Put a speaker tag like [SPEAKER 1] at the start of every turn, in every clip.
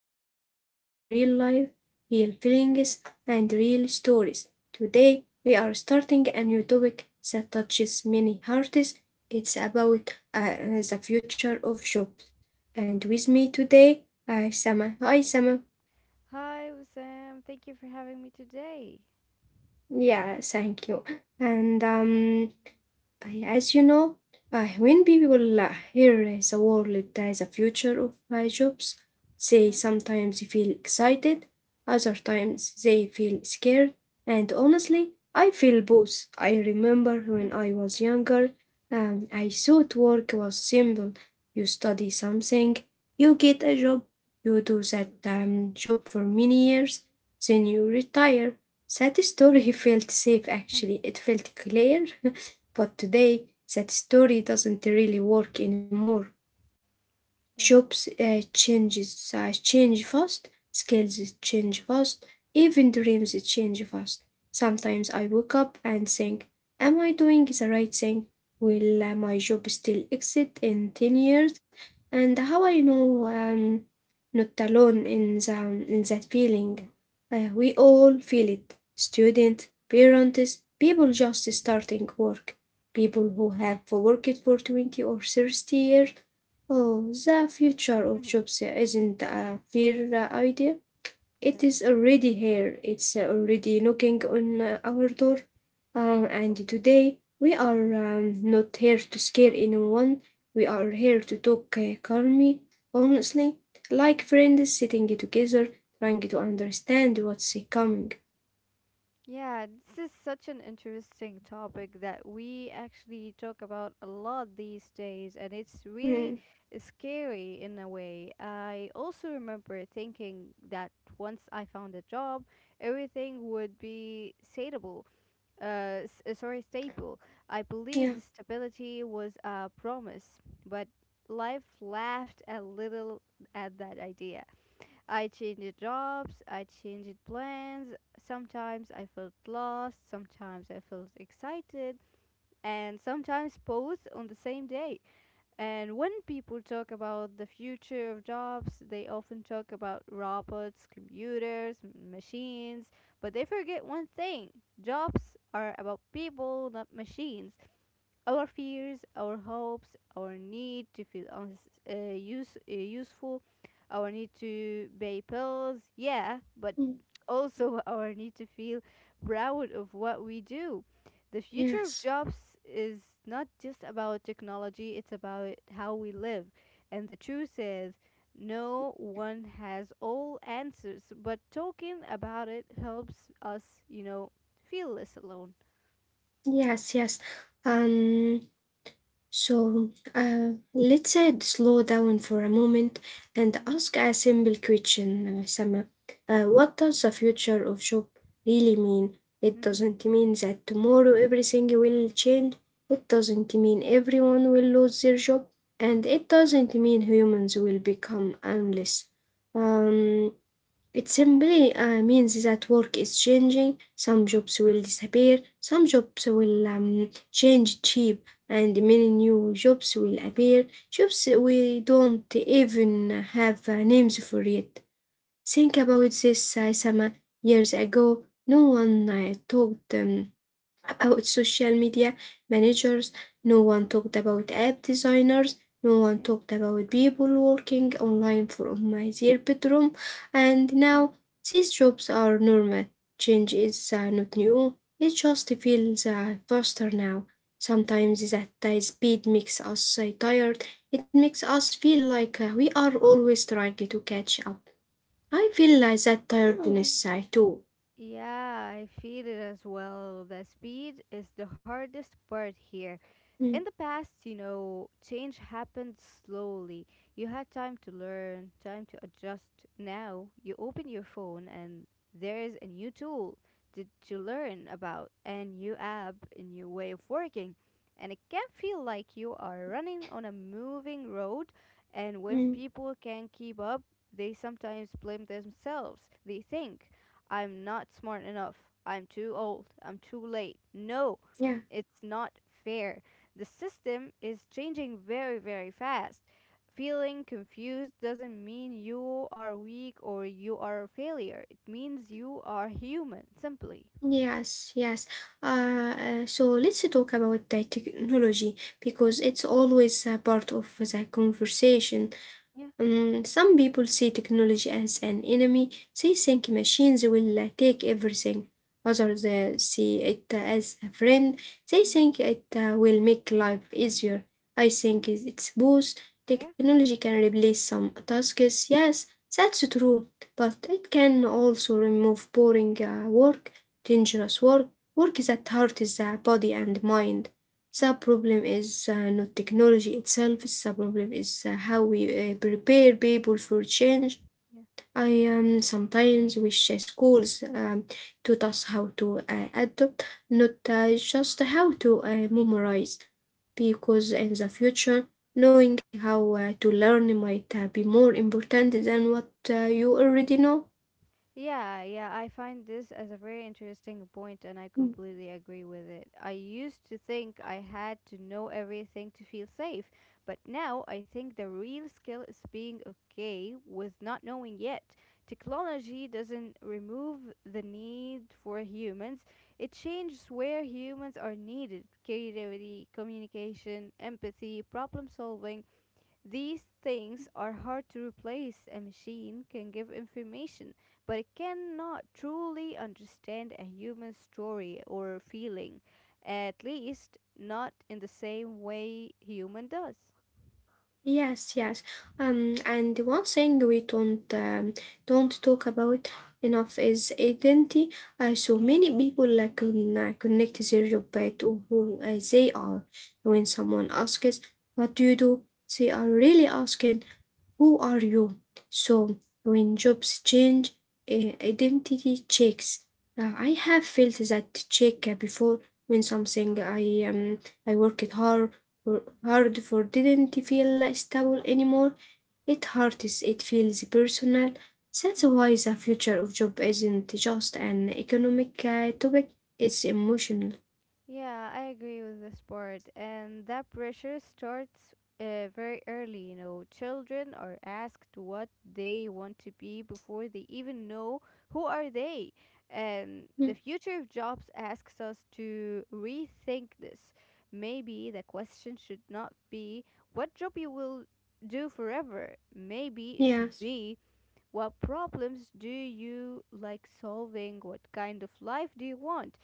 [SPEAKER 1] we talk about the real life, real feelings, and real stories. Today, we are starting a new topic that touches many hearts. It's about the future of jobs. And with me today, Sama. Hi, Sama.
[SPEAKER 2] Hi, Sam. Thank you for having me today.
[SPEAKER 1] Yeah, thank you. And as you know, when people hear the word that the future of jobs, they
[SPEAKER 2] Mhm.
[SPEAKER 1] sometimes feel excited, other times they feel scared, and honestly, I feel both. I remember when I was younger, I thought work was simple. You study something, you get a job, you do that job for many years, then you retire. That story felt safe actually, it felt clear. But today, that story doesn't really work anymore.
[SPEAKER 2] yeah,
[SPEAKER 1] Jobs change fast, skills change fast, even dreams change fast.
[SPEAKER 2] yeah,
[SPEAKER 1] Sometimes I wake up and think, am I doing the right thing? Will my job still exist in 10 years? And how I know I'm not alone in that feeling? We all feel it. Students, parents, people just starting work, people who have worked for 20 or 30 years. Oh, the future of
[SPEAKER 2] Mhm.
[SPEAKER 1] jobs isn't a fair idea. It
[SPEAKER 2] yeah,
[SPEAKER 1] is already here. It's already knocking on our door. And today, we are not here to scare anyone. We are here to talk calmly, honestly,
[SPEAKER 2] yeah.
[SPEAKER 1] like friends sitting together, trying to understand what's coming.
[SPEAKER 2] Yeah, this is such an interesting topic that we actually talk about a lot these days, and it's really
[SPEAKER 1] Mm,
[SPEAKER 2] scary in a way. I also remember thinking that once I found a job, everything would be sateable. Sorry, staple. I believed
[SPEAKER 1] yeah,
[SPEAKER 2] stability was a promise, but life laughed a little at that idea. I changed jobs, I changed plans. Sometimes I felt lost, sometimes I felt excited, and sometimes both on the same day. And when people talk about the future of jobs, they often talk about robots, computers, machines, but they forget one thing: jobs are about people, not machines. Our fears, our hopes, our need to feel useful, our need to pay bills, yeah, but
[SPEAKER 1] mm,
[SPEAKER 2] also our need to feel proud of what we do. The future of
[SPEAKER 1] yes,
[SPEAKER 2] jobs is not just about technology, it's about how we live. And the truth is, no one has all answers, but talking about it helps us, feel less alone.
[SPEAKER 1] yes, yes. Um, So let's slow down for a moment and
[SPEAKER 2] Yeah.
[SPEAKER 1] ask a simple question, Sama. What does the future of job really mean? It
[SPEAKER 2] Mm-hmm.
[SPEAKER 1] doesn't mean that tomorrow everything will change. It doesn't mean everyone will lose their job, and it doesn't mean humans will become endless. Um, it simply means that work is changing. Some jobs will disappear, some jobs will change cheap, and many new jobs will appear. Jobs
[SPEAKER 2] Yeah.
[SPEAKER 1] we don't even have names for yet. Think about this, Sama. Years ago, no one talked about social media managers. No one talked about app designers. No one
[SPEAKER 2] Yeah.
[SPEAKER 1] talked about people working online from their bedroom. And now
[SPEAKER 2] Mhm.
[SPEAKER 1] these jobs are normal. Change is not new. It just feels faster now. Sometimes that speed makes us tired. It makes us feel like we are always trying to catch up. I feel like that tiredness too.
[SPEAKER 2] Yeah, I feel it as well. The speed is the hardest part here. In the
[SPEAKER 1] Mm,
[SPEAKER 2] past, you know, change happened slowly. You had time to learn, time to adjust. Now, you open your phone and there is a new tool to learn about, a new app, a new way of working. And it can feel like you are running on a moving road, and when
[SPEAKER 1] mm,
[SPEAKER 2] people can't keep up, they sometimes blame themselves. They think, I'm not smart enough, I'm too old, I'm too late. No,
[SPEAKER 1] yeah.
[SPEAKER 2] it's not fair. The system is changing very, very fast. Feeling confused doesn't mean you are weak or you are a failure. It means you are human, simply.
[SPEAKER 1] Yes, yes. So let's talk about the technology because
[SPEAKER 2] Yeah,
[SPEAKER 1] it's always a part of the conversation.
[SPEAKER 2] yeah,
[SPEAKER 1] Mm, some people see technology as an enemy. They think machines will take everything. Others see it as a friend. They
[SPEAKER 2] hmm.
[SPEAKER 1] think it will make life easier. I think it's both.
[SPEAKER 2] Yeah.
[SPEAKER 1] Technology can replace some tasks, yes, that's true, but it can also remove boring work, dangerous work, work that hurts the body and mind.
[SPEAKER 2] yeah,
[SPEAKER 1] The problem is not technology itself, the problem is how we prepare people for change.
[SPEAKER 2] yeah.
[SPEAKER 1] I sometimes wish schools taught us how to adapt, not just how to memorize, because in the future, knowing how to learn might be more important than what you already know.
[SPEAKER 2] Yeah, yeah, I find this as a very interesting point and I
[SPEAKER 1] Mm.
[SPEAKER 2] completely agree with it. I used to think I had to know everything to feel safe, but now I think the real skill is being okay with not knowing yet. Technology doesn't remove the need for humans, it changes where humans are needed: creativity, communication, empathy, problem solving. These things are hard to replace. A machine can give information, but it cannot truly understand a human story or feeling, at least not in the same way human does.
[SPEAKER 1] Yes, yes. And one thing we don't talk about enough is identity. So
[SPEAKER 2] Yeah,
[SPEAKER 1] many people can connect their job back to who they are. When someone asks, "What do you
[SPEAKER 2] yeah,
[SPEAKER 1] do?" they are really asking, "Who are you?" So when jobs change, identity checks. I
[SPEAKER 2] yeah,
[SPEAKER 1] have felt that check before when something I worked hard for didn't feel stable anymore. It hurts, it feels personal. That's
[SPEAKER 2] yeah.
[SPEAKER 1] why the future of job isn't just an economic topic, it's emotional.
[SPEAKER 2] Yeah, I agree with this part. And that pressure starts very early, you know. Children are asked what they want to be before they even know who are they. And the
[SPEAKER 1] Mm.
[SPEAKER 2] future of jobs asks us to rethink this. Maybe the question should not be what job you will do forever. Maybe it should
[SPEAKER 1] Yes.
[SPEAKER 2] be what problems do you like solving? What kind of life do you want?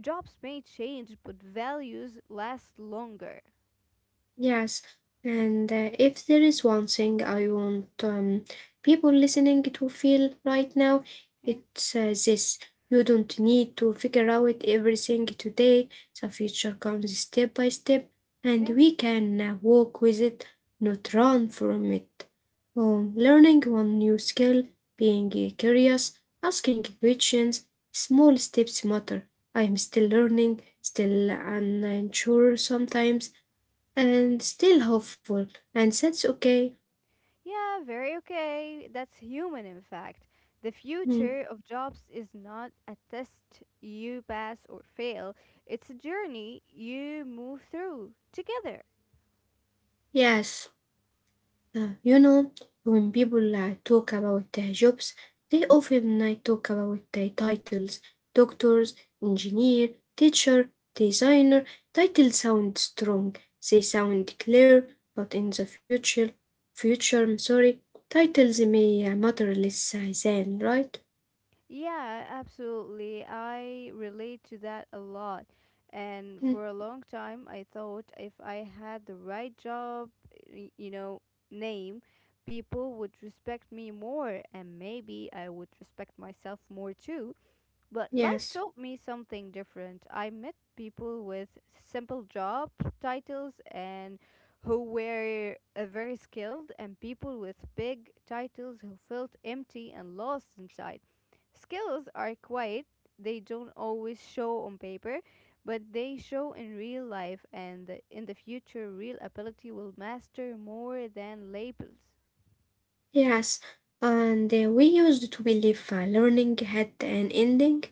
[SPEAKER 2] Jobs may change, but values last longer.
[SPEAKER 1] Yes, and if there is one thing I want people listening to feel right now,
[SPEAKER 2] Yeah,
[SPEAKER 1] it's this. You don't need to figure out everything today. The future comes step by step, and
[SPEAKER 2] yeah,
[SPEAKER 1] we can walk with it, not run from it. Learning one new skill, being curious,
[SPEAKER 2] yeah.
[SPEAKER 1] asking questions, small steps matter. I am still learning, still unsure sometimes and still hopeful, and that's okay.
[SPEAKER 2] Yeah, very okay. That's human, in fact. The
[SPEAKER 1] Mm,
[SPEAKER 2] future of jobs is not a test you pass or fail, it's a journey you move through together.
[SPEAKER 1] yes. uh, you know, when people talk about their jobs, they often talk about their titles: doctors, engineer, teacher, designer. Titles sound strong, they sound clear, but in the future, I'm sorry, titles may matter less than, right?
[SPEAKER 2] Yeah, absolutely. I relate to that a lot. And for
[SPEAKER 1] Mm,
[SPEAKER 2] a long time, I thought if I had the right job, you know, name, people would respect me more and maybe I would respect myself more too. But life
[SPEAKER 1] yes,
[SPEAKER 2] taught me something different. I met people with simple job titles and who were very skilled, and people with big titles who felt empty and lost inside. Skills are quiet, they don't always show on paper, but they show in real life, and in the future, real ability will master more than labels.
[SPEAKER 1] yes. And we used to believe learning had an ending.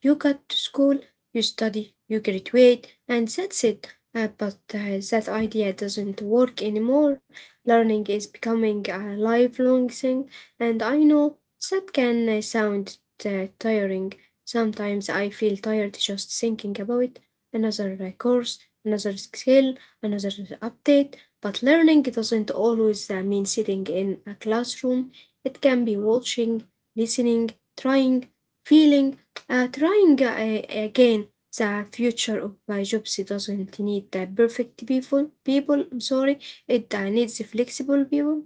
[SPEAKER 1] You got to school, you study, you graduate, and that's it. But that idea doesn't work anymore.
[SPEAKER 2] yeah.
[SPEAKER 1] Learning is becoming a lifelong thing, and I know that can sound tiring. Sometimes I feel tired just thinking about another course, another skill, another update. But learning doesn't always mean sitting in a classroom. It
[SPEAKER 2] Hmm.
[SPEAKER 1] can be watching, listening, trying, feeling, trying again. The future of my jobs doesn't need the perfect people. People, I'm sorry, it needs flexible people.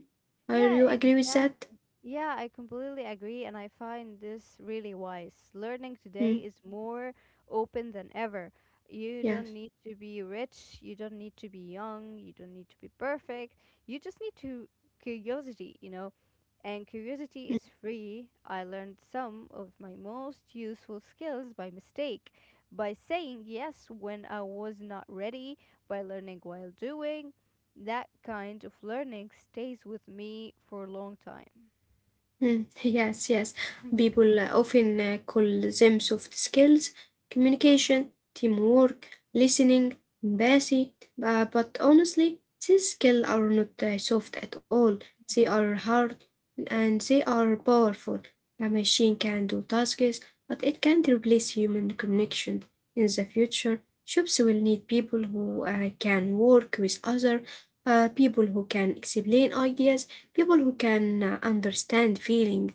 [SPEAKER 1] Are
[SPEAKER 2] Yeah,
[SPEAKER 1] you agree with that?
[SPEAKER 2] exactly. Yeah, I completely agree, and I find this really wise. Learning
[SPEAKER 1] Mm,
[SPEAKER 2] today is more open than ever. You don't
[SPEAKER 1] yes.
[SPEAKER 2] need to be rich, you don't need to be young, you don't need to be perfect. You just need to curiosity, you know. And curiosity is free. I learned some of my most useful skills by mistake, by saying yes when I was not ready, by learning while doing, that kind of learning stays with me for a long time.
[SPEAKER 1] Mm, yes, yes.
[SPEAKER 2] Mhm.
[SPEAKER 1] People often call them soft skills: communication,
[SPEAKER 2] Yeah.
[SPEAKER 1] teamwork, listening, empathy. But honestly, these skills are not soft at all. They are hard and they are powerful. A machine can do tasks, but it can't replace human connection. In the future, shops will need people who can work with other people who can explain ideas, people who can understand feeling.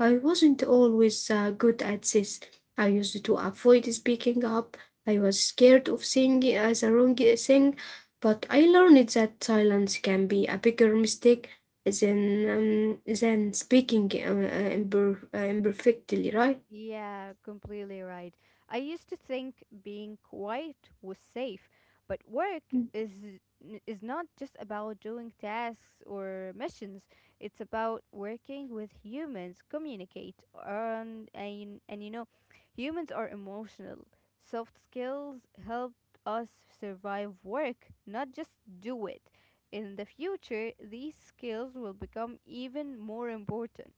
[SPEAKER 1] I wasn't always good at this. I used to avoid speaking up. I was scared of saying it as a wrong thing, but I learned that silence can be a bigger mistake than speaking imperfectly, right?
[SPEAKER 2] Yeah, completely right. I used to think being quiet was safe, but work is is not just about doing tasks or missions. It's about working with humans, communicate, and you know, humans are emotional. Soft skills help us survive work, not just do it. In the future, these skills will become even more important.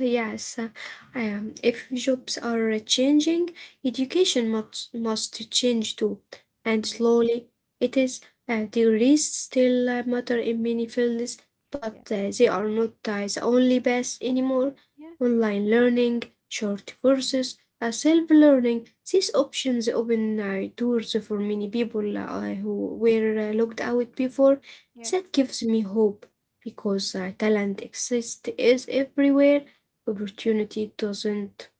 [SPEAKER 1] Yes, if jobs are changing, education must change too. And
[SPEAKER 2] hmm.
[SPEAKER 1] slowly, it is. Degrees still matter in many fields, but
[SPEAKER 2] Yeah.
[SPEAKER 1] they are not the only best anymore.
[SPEAKER 2] Yeah.
[SPEAKER 1] Online learning, short courses, self learning, these options open doors for many people who were locked out before.
[SPEAKER 2] Yeah.
[SPEAKER 1] That gives me hope because talent exists is everywhere, opportunity doesn't.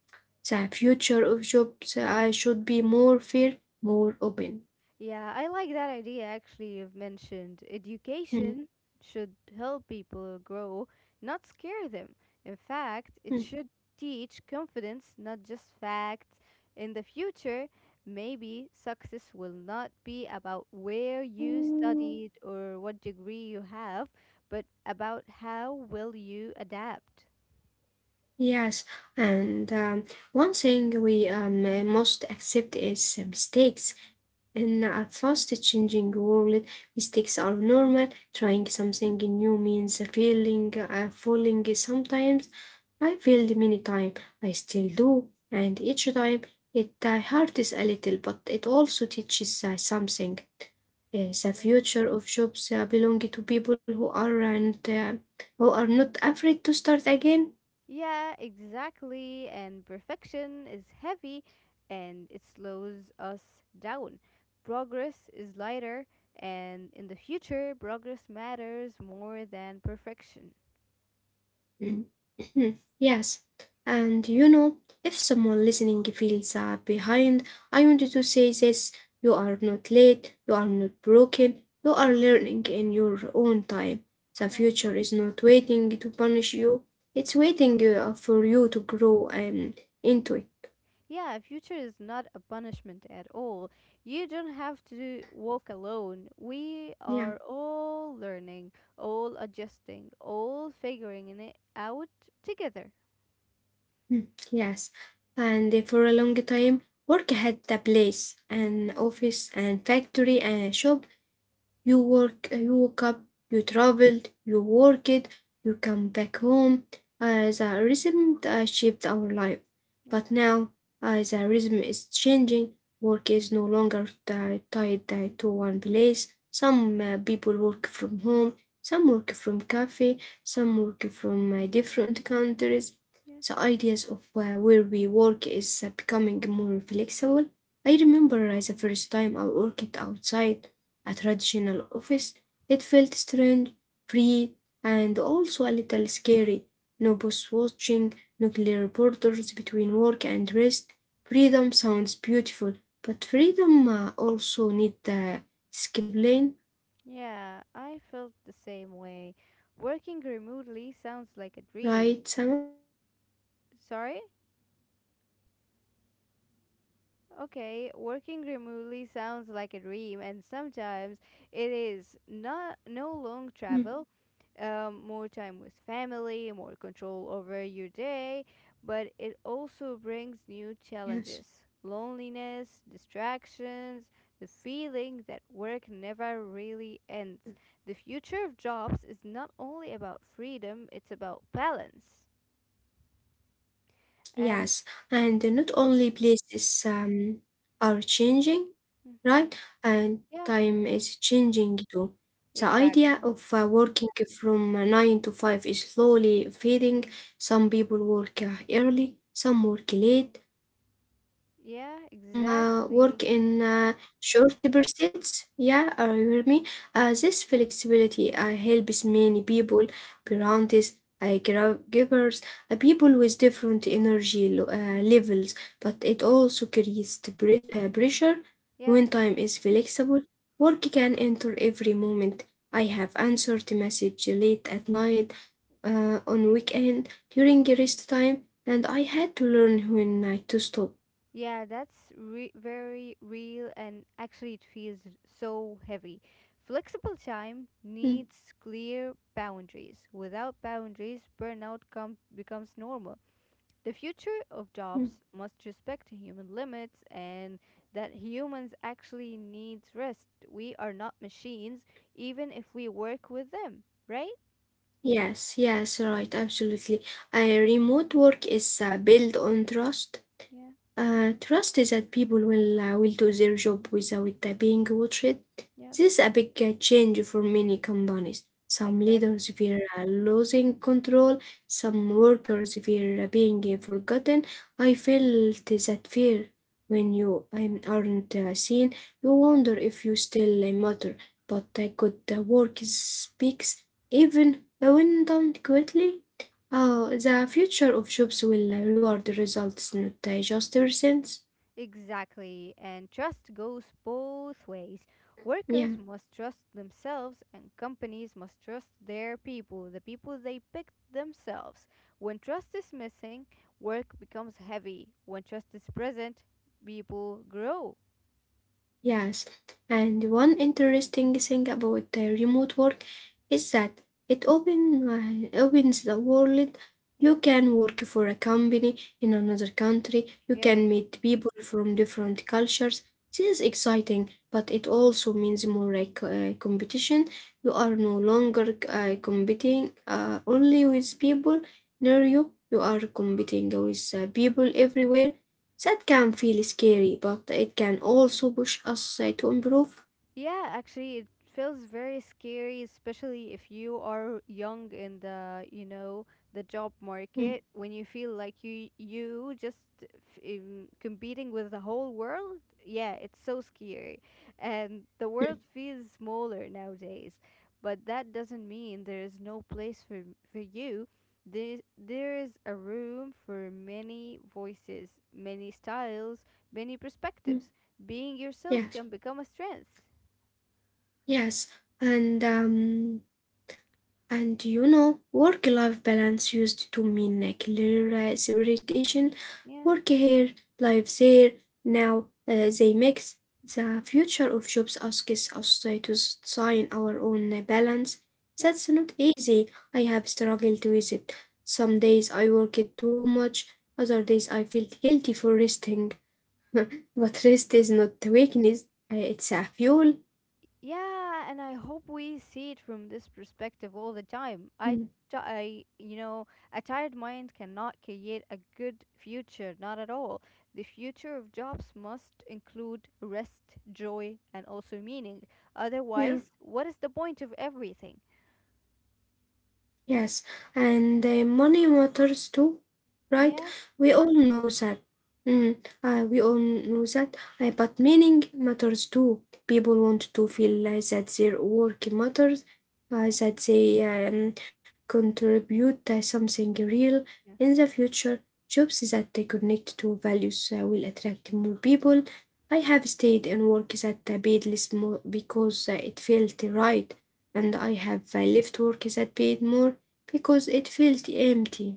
[SPEAKER 1] The future of jobs I should be more fair, more open.
[SPEAKER 2] Yeah, I like that idea actually you've mentioned. Education
[SPEAKER 1] Mm,
[SPEAKER 2] should help people grow, not scare them. In fact, it
[SPEAKER 1] mm,
[SPEAKER 2] should teach confidence, not just facts. In the future, maybe success will not be about where you studied or what degree you have, but about how will you adapt.
[SPEAKER 1] yes. And one thing we must accept is mistakes. In a
[SPEAKER 2] Yeah,
[SPEAKER 1] fast changing world, mistakes are normal.
[SPEAKER 2] yeah,
[SPEAKER 1] Trying something new means failing, falling sometimes. I failed many times, I still do, and each time it hurts a little, but it also teaches something. The
[SPEAKER 2] yeah.
[SPEAKER 1] future of jobs belong to people who are and who are not afraid to start again.
[SPEAKER 2] Yeah, exactly. And perfection is heavy and it slows us down. Progress is lighter, and in the future, progress matters more than perfection.
[SPEAKER 1] Mm. Yes, and if someone listening feels behind, I wanted to say this: you are not late, you are not broken, you are learning in your own time. The
[SPEAKER 2] Yeah.
[SPEAKER 1] future is not waiting to punish you; it's waiting for you to grow into it.
[SPEAKER 2] Yeah, future is not a punishment at all. You don't have to walk alone. We are
[SPEAKER 1] Yeah.
[SPEAKER 2] all learning, all adjusting, all figuring it out together.
[SPEAKER 1] Mm, yes, and for a long time, work had the place, an
[SPEAKER 2] Yeah,
[SPEAKER 1] office, and factory, and shop, you work, you woke up, you traveled, you worked, you come back home. The rhythm that shaped our life.
[SPEAKER 2] yeah,
[SPEAKER 1] But now the rhythm is changing. Work is no longer tied to one place. Some people work from home, some work from cafe, some work from different countries.
[SPEAKER 2] yeah.
[SPEAKER 1] The ideas of where we work is becoming more flexible. I remember the first time I worked outside a traditional office. It felt strange, free, and also a little scary. No boss watching, no clear borders between work and rest. Freedom sounds beautiful, but freedom also needs discipline,
[SPEAKER 2] Yeah, I felt the same way. Working remotely sounds like a dream.
[SPEAKER 1] right,
[SPEAKER 2] And,
[SPEAKER 1] Sama? Are you with me?
[SPEAKER 2] sorry? Okay, working remotely sounds like a dream, and sometimes it is not no long
[SPEAKER 1] Mm,
[SPEAKER 2] travel, more time with family, more control over your day, but it also brings new
[SPEAKER 1] yes.
[SPEAKER 2] challenges, loneliness, distractions, the feeling that work never really ends. The future of jobs is not only about freedom, it's about balance. And
[SPEAKER 1] Yes, and not only places are changing,
[SPEAKER 2] Mm,
[SPEAKER 1] right? And
[SPEAKER 2] yeah,
[SPEAKER 1] time is changing too. The
[SPEAKER 2] exactly.
[SPEAKER 1] idea of working from 9 to 5 is slowly fading. Some people work early, some work late,
[SPEAKER 2] Yeah,
[SPEAKER 1] some
[SPEAKER 2] exactly.
[SPEAKER 1] work in short bursts. Yeah, you hear me? This flexibility helps many people, parents, givers, people with different energy levels, but it
[SPEAKER 2] Yeah,
[SPEAKER 1] also creates the pressure.
[SPEAKER 2] yeah,
[SPEAKER 1] When time is flexible, work can enter every moment. I have answered the message late at night, on weekend, during rest time, and I had to learn when to stop.
[SPEAKER 2] yeah. That's very real, and actually, it feels so heavy. Flexible time
[SPEAKER 1] Mm,
[SPEAKER 2] needs clear boundaries. Without boundaries, becomes normal. The future of
[SPEAKER 1] mm.
[SPEAKER 2] jobs must respect human limits and that humans actually need rest. We are not machines, even if we work with them, right?
[SPEAKER 1] Yes, yes, right, absolutely. Remote work is built on trust.
[SPEAKER 2] Yeah,
[SPEAKER 1] Trust is that people will do their job without being watched.
[SPEAKER 2] yes,
[SPEAKER 1] This is a big change for many companies. Some
[SPEAKER 2] exactly.
[SPEAKER 1] leaders fear losing control. Some workers fear being forgotten. I felt that fear when you aren't seen. You
[SPEAKER 2] Yeah.
[SPEAKER 1] wonder if you still matter. But good work speaks even when done quickly. Oh, the future of jobs will reward the results, not just the results.
[SPEAKER 2] Exactly, and trust goes both ways.
[SPEAKER 1] Yeah.
[SPEAKER 2] Workers must trust themselves, and companies must trust their people, the people they picked themselves. When trust is missing, work becomes heavy. When trust is present, people grow.
[SPEAKER 1] Yes, and one interesting thing about remote work is that it opens the world. You
[SPEAKER 2] Yeah,
[SPEAKER 1] can work for a company in another country. You
[SPEAKER 2] yeah.
[SPEAKER 1] can meet people from different cultures. This is exciting, but it also means more like competition. You are no longer competing only with people near you. You are competing with people everywhere that can feel scary, but it can also push us to improve.
[SPEAKER 2] Yeah, actually, it feels very scary, especially if you are young in the, you know, the job
[SPEAKER 1] Mm,
[SPEAKER 2] market. When you feel like you just competing with the whole world, yeah, it's so scary, and the world
[SPEAKER 1] mm,
[SPEAKER 2] feels smaller nowadays. But that doesn't mean there is no place for you. There is a room for many voices, many styles, many
[SPEAKER 1] mm.
[SPEAKER 2] perspectives. Being yourself can
[SPEAKER 1] Yes,
[SPEAKER 2] become a strength.
[SPEAKER 1] yes. And um, And you know, work life balance used to mean a clear separation,
[SPEAKER 2] Yeah,
[SPEAKER 1] work here, life there. Now they mix. The future of jobs asks us to sign our own balance.
[SPEAKER 2] yeah.
[SPEAKER 1] That's not easy. I have struggled with it. Some days I work it too much, other days I feel guilty for resting. But rest is not weakness, it's a fuel.
[SPEAKER 2] Yeah, and I hope we see it from this perspective all the time.
[SPEAKER 1] Mm,
[SPEAKER 2] You know, a tired mind cannot create a good future, not at all. The future of jobs must include rest, joy, and also meaning. Otherwise,
[SPEAKER 1] yeah.
[SPEAKER 2] what is the point of everything?
[SPEAKER 1] Yes, and money matters too, right?
[SPEAKER 2] Yeah,
[SPEAKER 1] We all
[SPEAKER 2] sure.
[SPEAKER 1] know that. We all know that. But meaning matters too. People want to feel that their work matters,
[SPEAKER 2] Yeah,
[SPEAKER 1] that they um, contribute something real.
[SPEAKER 2] yeah.
[SPEAKER 1] In the future, jobs that they connect to values will attract more people. I have stayed in work that paid less more because it felt right, and I have left work that paid more because it felt empty.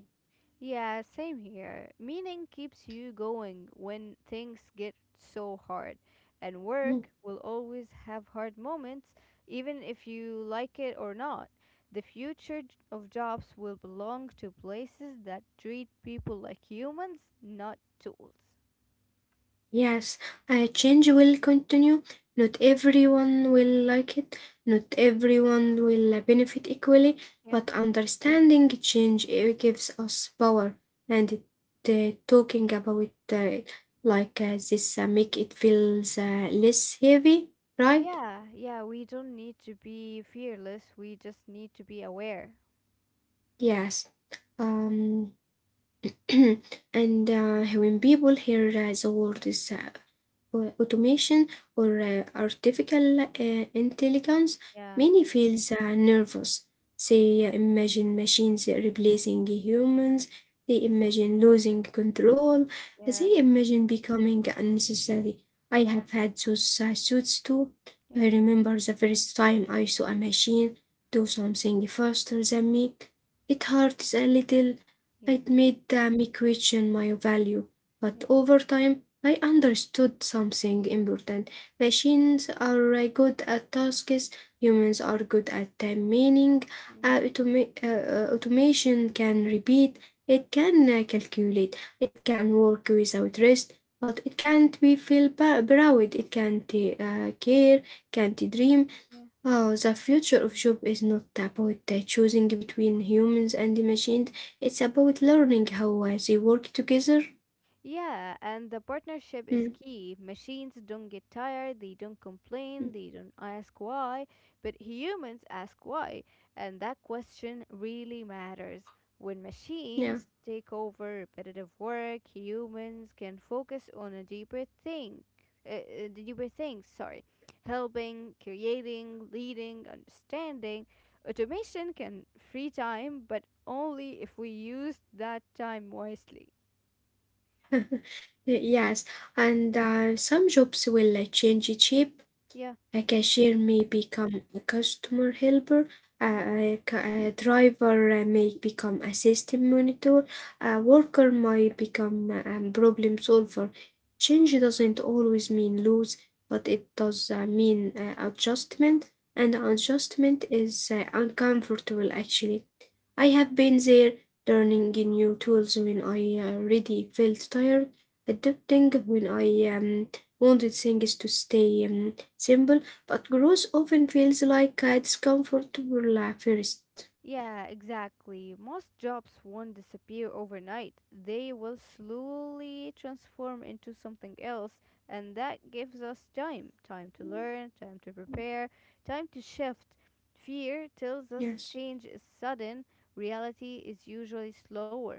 [SPEAKER 2] Yeah, same here. Meaning keeps you going when things get so hard. And
[SPEAKER 1] Mm.
[SPEAKER 2] work will always have hard moments, even if you like it or not. The future of jobs will belong to places that treat people like humans, not tools.
[SPEAKER 1] Yes, a change will continue. Not everyone will like it, not everyone will benefit equally,
[SPEAKER 2] Yeah.
[SPEAKER 1] but understanding change gives us power, and talking about like this make it feels less heavy, right?
[SPEAKER 2] Yeah, yeah, we don't need to be fearless. We just need to be aware.
[SPEAKER 1] Yes. Um, and when people hear the word is automation or artificial intelligence,
[SPEAKER 2] Yeah,
[SPEAKER 1] many feels nervous. They imagine machines replacing humans. They imagine losing control.
[SPEAKER 2] yeah,
[SPEAKER 1] They imagine becoming unnecessary. I have had those suits too.
[SPEAKER 2] yeah,
[SPEAKER 1] I remember the first time I saw a machine do something faster than me. It hurts a little.
[SPEAKER 2] yeah,
[SPEAKER 1] It made me question my value.
[SPEAKER 2] yeah.
[SPEAKER 1] But over time, I understood something important. Machines are good at tasks, humans are good at time meaning.
[SPEAKER 2] Mm-hmm.
[SPEAKER 1] Automation can repeat, it can calculate, it can work without rest, but it can't be feel proud, it can't care, can't dream.
[SPEAKER 2] Yeah.
[SPEAKER 1] Oh, the future of job is not about choosing between humans and machines, it's about learning how they work together.
[SPEAKER 2] Yeah, and the partnership is
[SPEAKER 1] Mm,
[SPEAKER 2] key. Machines don't get tired, they don't complain,
[SPEAKER 1] mm,
[SPEAKER 2] they don't ask why, but humans ask why. And that question really matters. When
[SPEAKER 1] Yeah.
[SPEAKER 2] machines take over repetitive work, humans can focus on a deeper thing. Deeper things, sorry. Helping, creating, leading, understanding. Automation can free time, but only if we use that time wisely.
[SPEAKER 1] Yes, and some jobs will change shape.
[SPEAKER 2] Yeah.
[SPEAKER 1] A cashier may become a customer helper. A driver may become a system monitor. A worker might become a problem solver. Change doesn't always mean lose, but it does mean adjustment, and adjustment is uncomfortable actually. I have been there, learning new tools when I already felt tired, adapting when I wanted things to stay simple, but growth often feels like it's comfortable at first.
[SPEAKER 2] Yeah, exactly. Most jobs won't disappear overnight. They will slowly transform into something else, and that gives us time to learn, time to prepare, time to shift. Fear tells us
[SPEAKER 1] Yes.
[SPEAKER 2] change is sudden, reality is usually slower.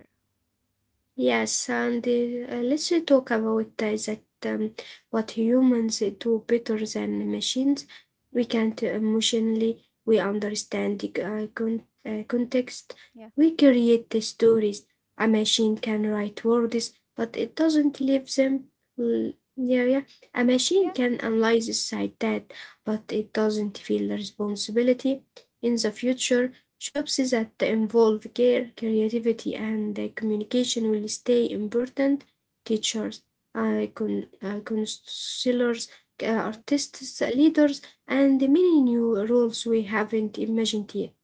[SPEAKER 1] Yes, and let's talk about that what humans do better than machines. We
[SPEAKER 2] Yeah,
[SPEAKER 1] can't emotionally, we understand the context,
[SPEAKER 2] yeah,
[SPEAKER 1] we create the stories. A machine can write words, but it doesn't live them. L- Yeah, yeah. A
[SPEAKER 2] yeah,
[SPEAKER 1] machine can analyze side that, but it doesn't feel responsibility. In the future, jobs that involve care, creativity, and communication will stay important. Teachers, counselors,
[SPEAKER 2] yeah.
[SPEAKER 1] artists, leaders, and many new roles we haven't imagined yet.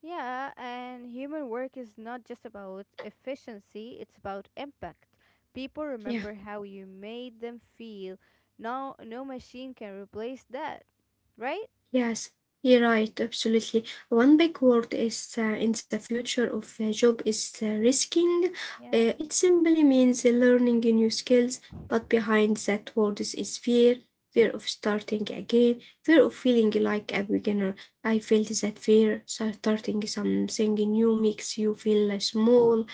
[SPEAKER 2] Yeah, and human work is not just about efficiency, it's about impact. People
[SPEAKER 1] Yeah.
[SPEAKER 2] remember how you made them feel. No, No machine can replace that, right?
[SPEAKER 1] Yes, you're right, absolutely. One big word is in the future of a job is risking.
[SPEAKER 2] Yeah.
[SPEAKER 1] It simply means learning new skills, but behind that word is fear, fear of starting again, fear of feeling like a beginner. I felt that fear, so starting something new makes you feel small,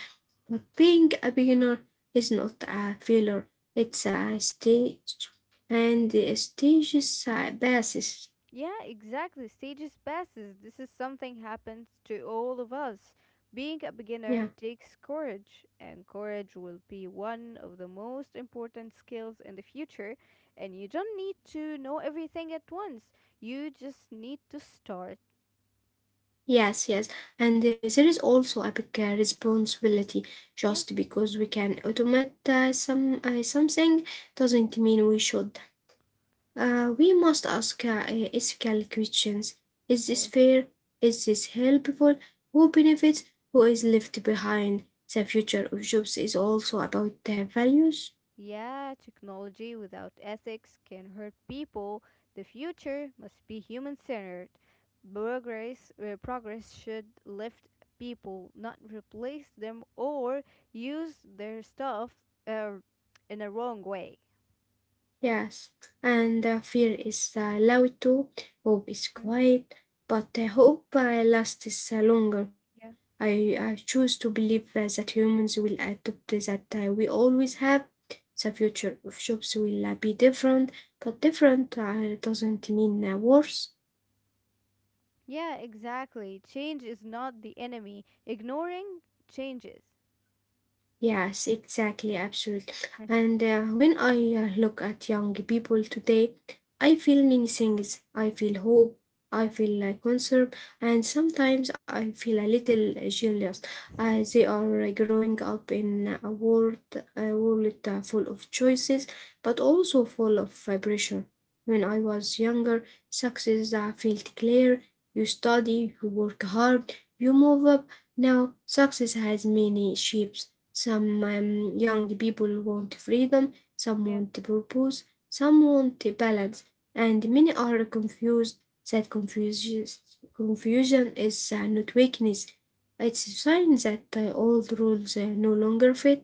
[SPEAKER 1] but being a beginner is not a failure, it's a stage, and the stages passes.
[SPEAKER 2] Yeah, exactly. Stages passes. This is something happens to all of us. Being a beginner
[SPEAKER 1] Yeah.
[SPEAKER 2] takes courage, and courage will be one of the most important skills in the future. And you don't need to know everything at once. You just need to start.
[SPEAKER 1] Yes, yes. And there is also a big responsibility.
[SPEAKER 2] Yeah,
[SPEAKER 1] Just because we can automate something
[SPEAKER 2] yeah,
[SPEAKER 1] doesn't mean we should. We must ask ethical questions.
[SPEAKER 2] of
[SPEAKER 1] Is this
[SPEAKER 2] course.
[SPEAKER 1] fair? Is this helpful? Who benefits? Who is left behind? The future of jobs is also about values.
[SPEAKER 2] Yeah, technology without ethics can hurt people. The future must be human centered. Progress should lift people, not replace them or use their stuff uh, in a wrong way.
[SPEAKER 1] Yes, and fear is loud too. Hope is
[SPEAKER 2] Hmm?
[SPEAKER 1] quiet, but hope lasts longer.
[SPEAKER 2] Yeah.
[SPEAKER 1] I choose to believe that humans will adopt that we always have. The future of jobs will be different, but different doesn't mean worse.
[SPEAKER 2] Yeah, exactly. Change is not the enemy. Ignoring changes.
[SPEAKER 1] Yes, exactly, absolutely. And when I look at young people today, I feel many things. I feel hope,
[SPEAKER 2] yeah.
[SPEAKER 1] I feel concern, and sometimes I feel a little jealous. As they are growing up in a world full of choices, but also full of pressure. When I was younger, success felt clear. You study, you work hard, you move up. Now, success has many shapes. Some young people want freedom, some
[SPEAKER 2] Yeah.
[SPEAKER 1] want purpose, some want balance, and many are confused. That confusion, Confusion is not weakness, it's a sign that the old rules no longer fit.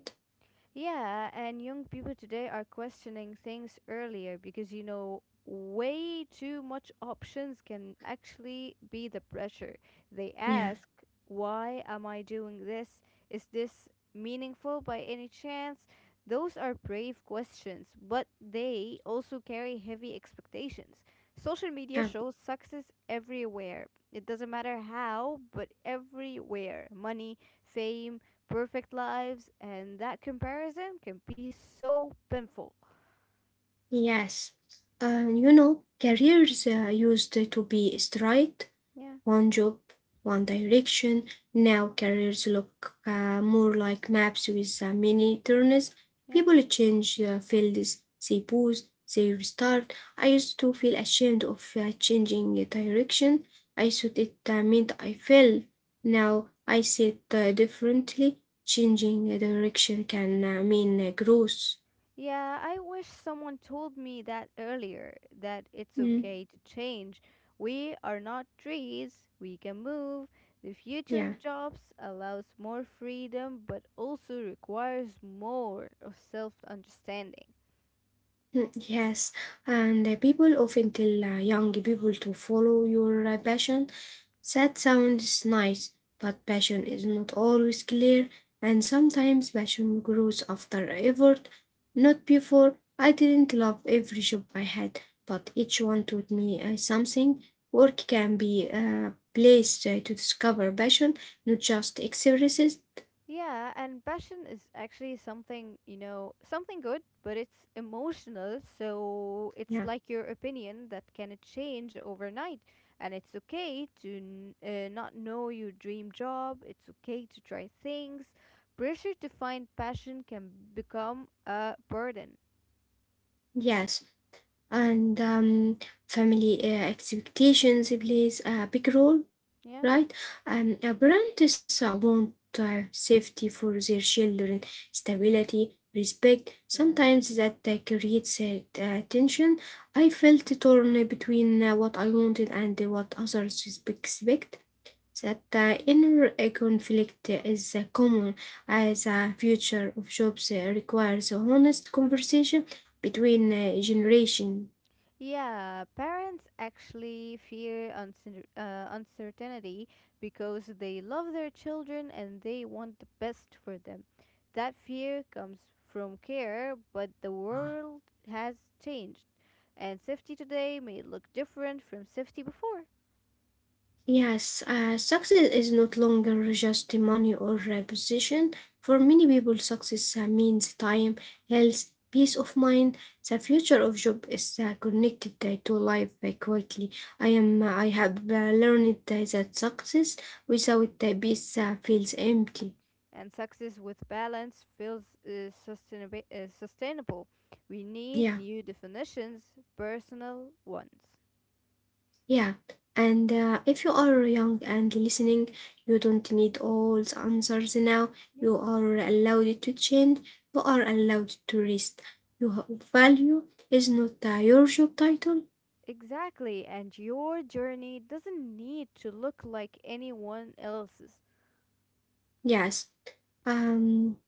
[SPEAKER 2] Yeah, and young people today are questioning things earlier because you know way too much options can actually be the pressure. They
[SPEAKER 1] Yeah,
[SPEAKER 2] ask, "Why am I doing this? Is this meaningful by any chance?" Those are brave questions, but they also carry heavy expectations. Social media
[SPEAKER 1] yeah,
[SPEAKER 2] shows success everywhere. It doesn't matter how, but everywhere. Money, fame, perfect lives, and that comparison can be so painful.
[SPEAKER 1] yes. You know, careers used to be straight,
[SPEAKER 2] Yeah,
[SPEAKER 1] one job, one direction. Now careers look more like maps with many turns.
[SPEAKER 2] yeah.
[SPEAKER 1] People change fields, they pause, they restart. I used to feel ashamed of changing direction. I thought it meant I failed. Now I see it differently. Changing a direction can mean growth.
[SPEAKER 2] Yeah, I wish someone told me that earlier that it's
[SPEAKER 1] Mm,
[SPEAKER 2] okay to change. We are not trees, we can move. The future
[SPEAKER 1] yeah.
[SPEAKER 2] of jobs allows more freedom but also requires more of self understanding.
[SPEAKER 1] Mm. Yes, and people often tell young people to follow your passion. Sad sounds nice, but passion is not always clear, and sometimes passion grows after effort, not before. I didn't love every job I had, but each one taught me something. Work can be a place to discover passion, not just experiences.
[SPEAKER 2] Yeah, and passion is actually something, you know, something good, but it's emotional, so
[SPEAKER 1] Yeah,
[SPEAKER 2] it's like your opinion that can change overnight. And it's okay to not know your dream job, it's okay to try things. Pressure to find passion can become a burden.
[SPEAKER 1] yes, and family expectations plays a big role,
[SPEAKER 2] Yeah?
[SPEAKER 1] right? And apprentices want safety for their children, stability, respect. Sometimes that creates tension. I felt torn between what I wanted and what others expect. That inner conflict is common, as the future of jobs requires a honest conversation between generations.
[SPEAKER 2] Yeah, parents actually fear uncertainty because they love their children and they want the best for them. That fear comes from care, but the world has changed, and safety today may look different from safety before.
[SPEAKER 1] Yes, success is not longer just the money or a position. For many people, success means time, health, peace of mind. The future of job is connected to life quickly. I am. I have learned that success without peace feels empty.
[SPEAKER 2] And success with balance feels sustainable. We
[SPEAKER 1] Yeah.
[SPEAKER 2] need new definitions, personal ones.
[SPEAKER 1] Yeah, and if you are young and listening, you don't need all the answers now. You are allowed to change, you are allowed to rest. Your value is not your job title.
[SPEAKER 2] Exactly, and your journey doesn't need to look like anyone else's.
[SPEAKER 1] Yes. Um,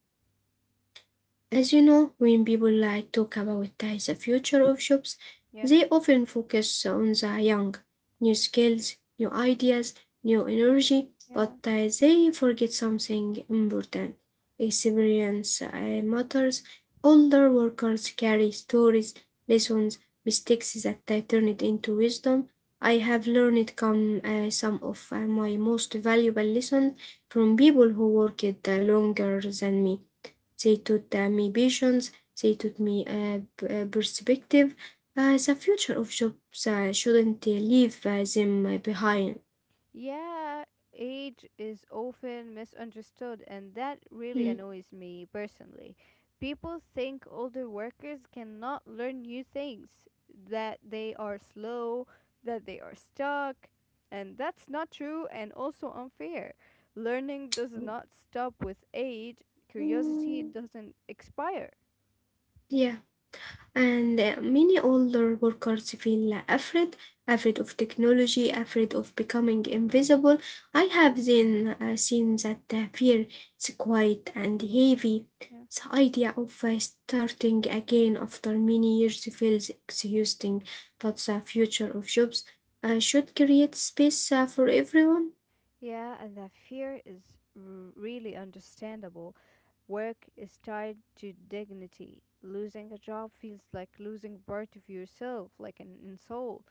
[SPEAKER 1] as you know, when people like talk about the future of jobs,
[SPEAKER 2] Yeah,
[SPEAKER 1] they often focus on the young, new skills, new ideas, new energy,
[SPEAKER 2] yeah.
[SPEAKER 1] but they forget something important. Experience matters. Older workers carry stories, lessons, mistakes that turn it into wisdom. I have learned some of my most valuable lessons from people who worked longer than me. They taught me patience. They taught me perspective. The future of jobs shouldn't leave them behind.
[SPEAKER 2] Yeah, age is often misunderstood, and that
[SPEAKER 1] Mm.
[SPEAKER 2] really annoys me personally. People think older workers cannot learn new things, that they are slow, that they are stuck, and that's not true and also unfair. Learning does not stop with age, curiosity
[SPEAKER 1] Mm.
[SPEAKER 2] doesn't expire.
[SPEAKER 1] Yeah. And many older workers feel afraid, afraid of technology, afraid of becoming invisible. I have then seen that fear is quiet and heavy. The idea of starting again after many years feels exhausting, but the future of jobs should create space for everyone.
[SPEAKER 2] Yeah, and that fear is really understandable. Work is tied to dignity. Losing a job feels like losing part of yourself, like an insult.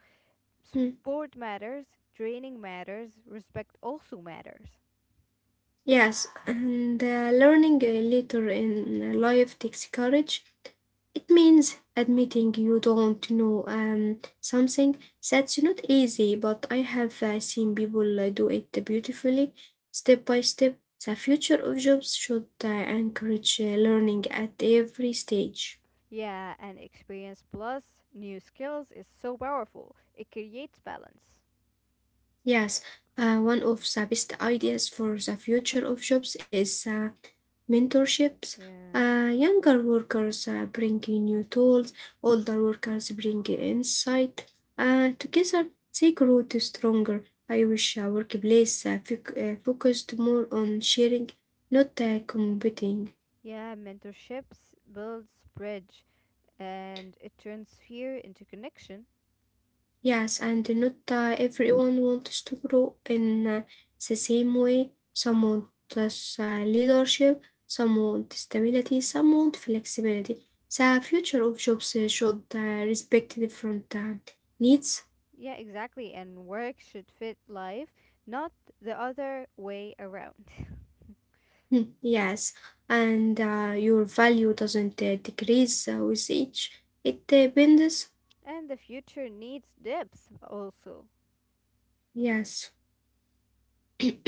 [SPEAKER 1] Mm.
[SPEAKER 2] Sport matters, training matters, respect also matters.
[SPEAKER 1] Yes, and learning later in life takes courage. It means admitting you don't know something. That's not easy, but I have seen people do it beautifully, step by step. The future of jobs should encourage learning at every stage.
[SPEAKER 2] Yeah, and experience plus new skills is so powerful. It creates balance.
[SPEAKER 1] Yes, one of the best ideas for the future of jobs is mentorships.
[SPEAKER 2] Yeah.
[SPEAKER 1] Younger workers bring in new tools, older workers bring insight. Together, they grow to stronger. I wish a workplace focused more on sharing, not competing.
[SPEAKER 2] Yeah, mentorships builds bridge and it turns fear into connection.
[SPEAKER 1] Yes, and not everyone wants to grow in the same way.
[SPEAKER 2] Yeah.
[SPEAKER 1] Some want leadership, some want stability, some want flexibility. The future of jobs should respect different needs.
[SPEAKER 2] Yeah, exactly. And work should fit life, not the other way around.
[SPEAKER 1] Hmm, yes, and your value doesn't decrease with age, it bends.
[SPEAKER 2] And the future needs depth also.
[SPEAKER 1] Yes.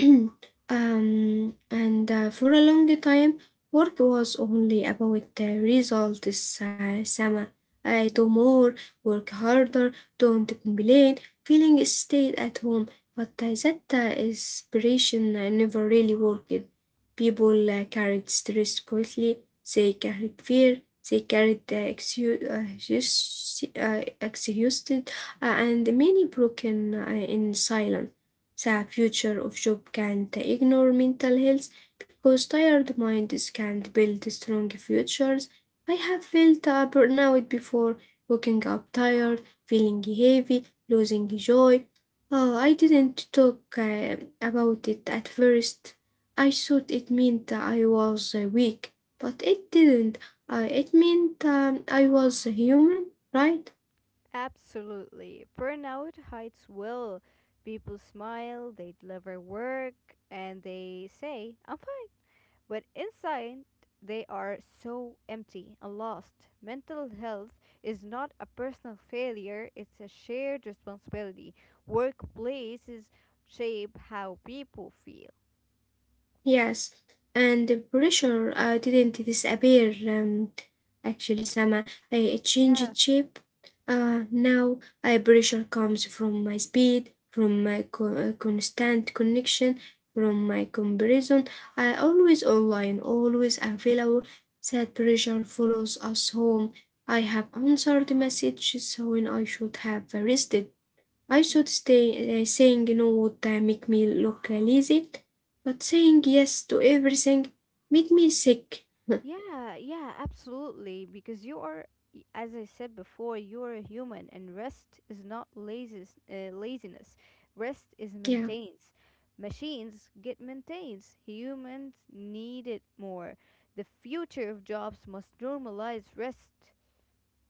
[SPEAKER 1] Um, and for a long time, work was only about the results. Sama, I do
[SPEAKER 2] Mhm.
[SPEAKER 1] more, work harder, don't complain. Feeling stayed at home, but that inspiration never really worked. People carried stress quickly. They carried fear. They carried the excuse, exhausted, and many broken in silence.
[SPEAKER 2] Yeah.
[SPEAKER 1] The future of job can't ignore mental health because tired minds can't build strong futures. I have felt a burnout before, waking up tired, feeling heavy, losing joy. Oh, I didn't talk about it at first. I thought it meant I was weak, but it didn't. It meant I was human, right?
[SPEAKER 2] Absolutely. Burnout hides will. People smile, they deliver work, and they say, I'm fine. But inside, they are so empty and lost. Mental health is not a personal failure, it's a shared responsibility. Workplaces shape how people feel.
[SPEAKER 1] Yes, and the pressure didn't disappear. Actually, Sama, I it
[SPEAKER 2] Yeah.
[SPEAKER 1] changed shape. Now, pressure comes from my speed, from my constant connection, from my comparison. I always online, always available. That pressure follows us home. I have answered messages when I should have rested. I should stay saying no would make me look lazy, but saying yes to everything made me sick.
[SPEAKER 2] Yeah, absolutely. Because you are, as I said before, you are a human, and rest is not laziness. Rest is
[SPEAKER 1] Yeah.
[SPEAKER 2] maintenance. Machines get maintenance. Humans need it more. The future of jobs must normalize rest.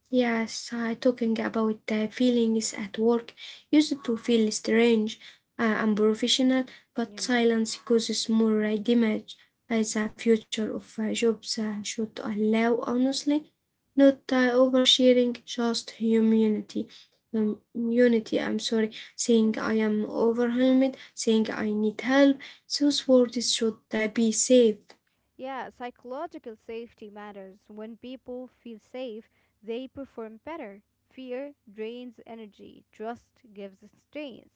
[SPEAKER 1] Yes, I talking about the feelings at work used to feel strange and professional, but
[SPEAKER 2] Yeah.
[SPEAKER 1] silence causes more damage. As the future of jobs should allow, honestly, not oversharing, just humanity. Unity, I'm sorry,
[SPEAKER 2] Yeah.
[SPEAKER 1] saying I am overwhelmed, saying I need help, those words should be safe.
[SPEAKER 2] Yeah, psychological safety matters. When people feel safe, they perform better. Fear drains energy, trust gives strength.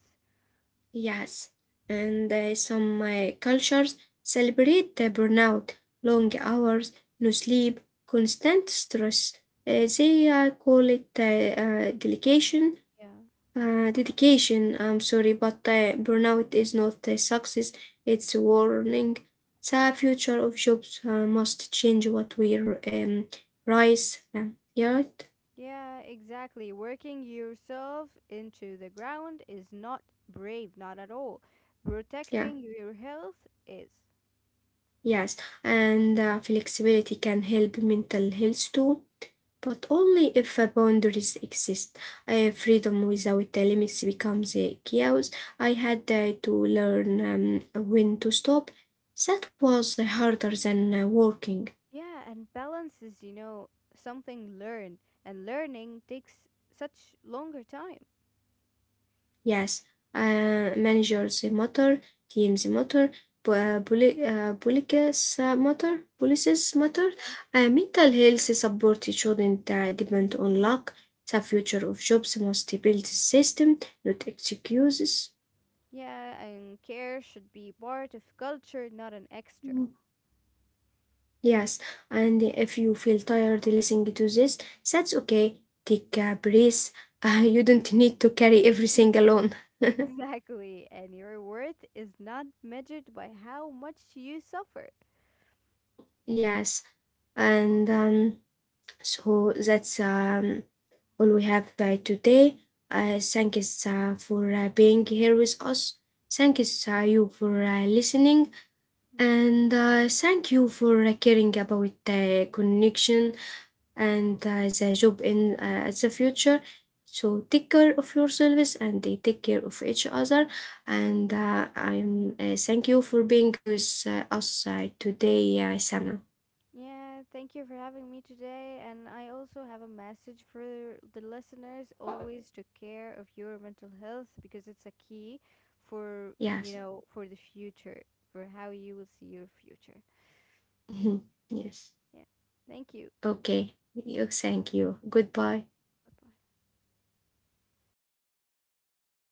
[SPEAKER 1] Yes, and some cultures celebrate the burnout, long hours, no sleep, constant stress. They call it dedication.
[SPEAKER 2] Yeah.
[SPEAKER 1] Dedication, I'm sorry, but burnout is not a success, it's a warning. The future of jobs must change what we rise. Yeah,
[SPEAKER 2] Yeah, exactly. Working yourself into the ground is not brave, not at all. Protecting
[SPEAKER 1] yeah,
[SPEAKER 2] your health is.
[SPEAKER 1] yes. And flexibility can help mental health too, but only if boundaries exist. Freedom without the limits becomes chaos. I had to learn when to stop. That was harder than working.
[SPEAKER 2] Yeah, and balance is, you know, something learned, and learning takes such longer time.
[SPEAKER 1] Yes, managers matter, teams matter, policies
[SPEAKER 2] Yeah,
[SPEAKER 1] policies matter.
[SPEAKER 2] yeah.
[SPEAKER 1] Mental health support shouldn't depend on luck. The future of jobs must build a system, not excuses.
[SPEAKER 2] Yeah, and care should be part of culture, not an extra.
[SPEAKER 1] Yes, and if you feel tired listening to this, that's okay. Take a breath. You don't need to carry everything alone.
[SPEAKER 2] Exactly, and your worth is not measured by how much you suffer.
[SPEAKER 1] Yes, and so that's all we have by today. Thank you for being here with us. Thank you, you for listening, and thank you for caring about connection, and as a job in as a future, so take care of yourselves and they take care of each other, and I'm thank you for being with us today Sana.
[SPEAKER 2] Yeah, thank you for having me today. And I also have a message for the listeners: always take care of your mental health because it's a key for, you
[SPEAKER 1] Yes.
[SPEAKER 2] know, for the future, for how you will see your future.
[SPEAKER 1] Yes.
[SPEAKER 2] Yeah. Thank you.
[SPEAKER 1] Okay. Thank you. Goodbye.
[SPEAKER 2] Bye-bye.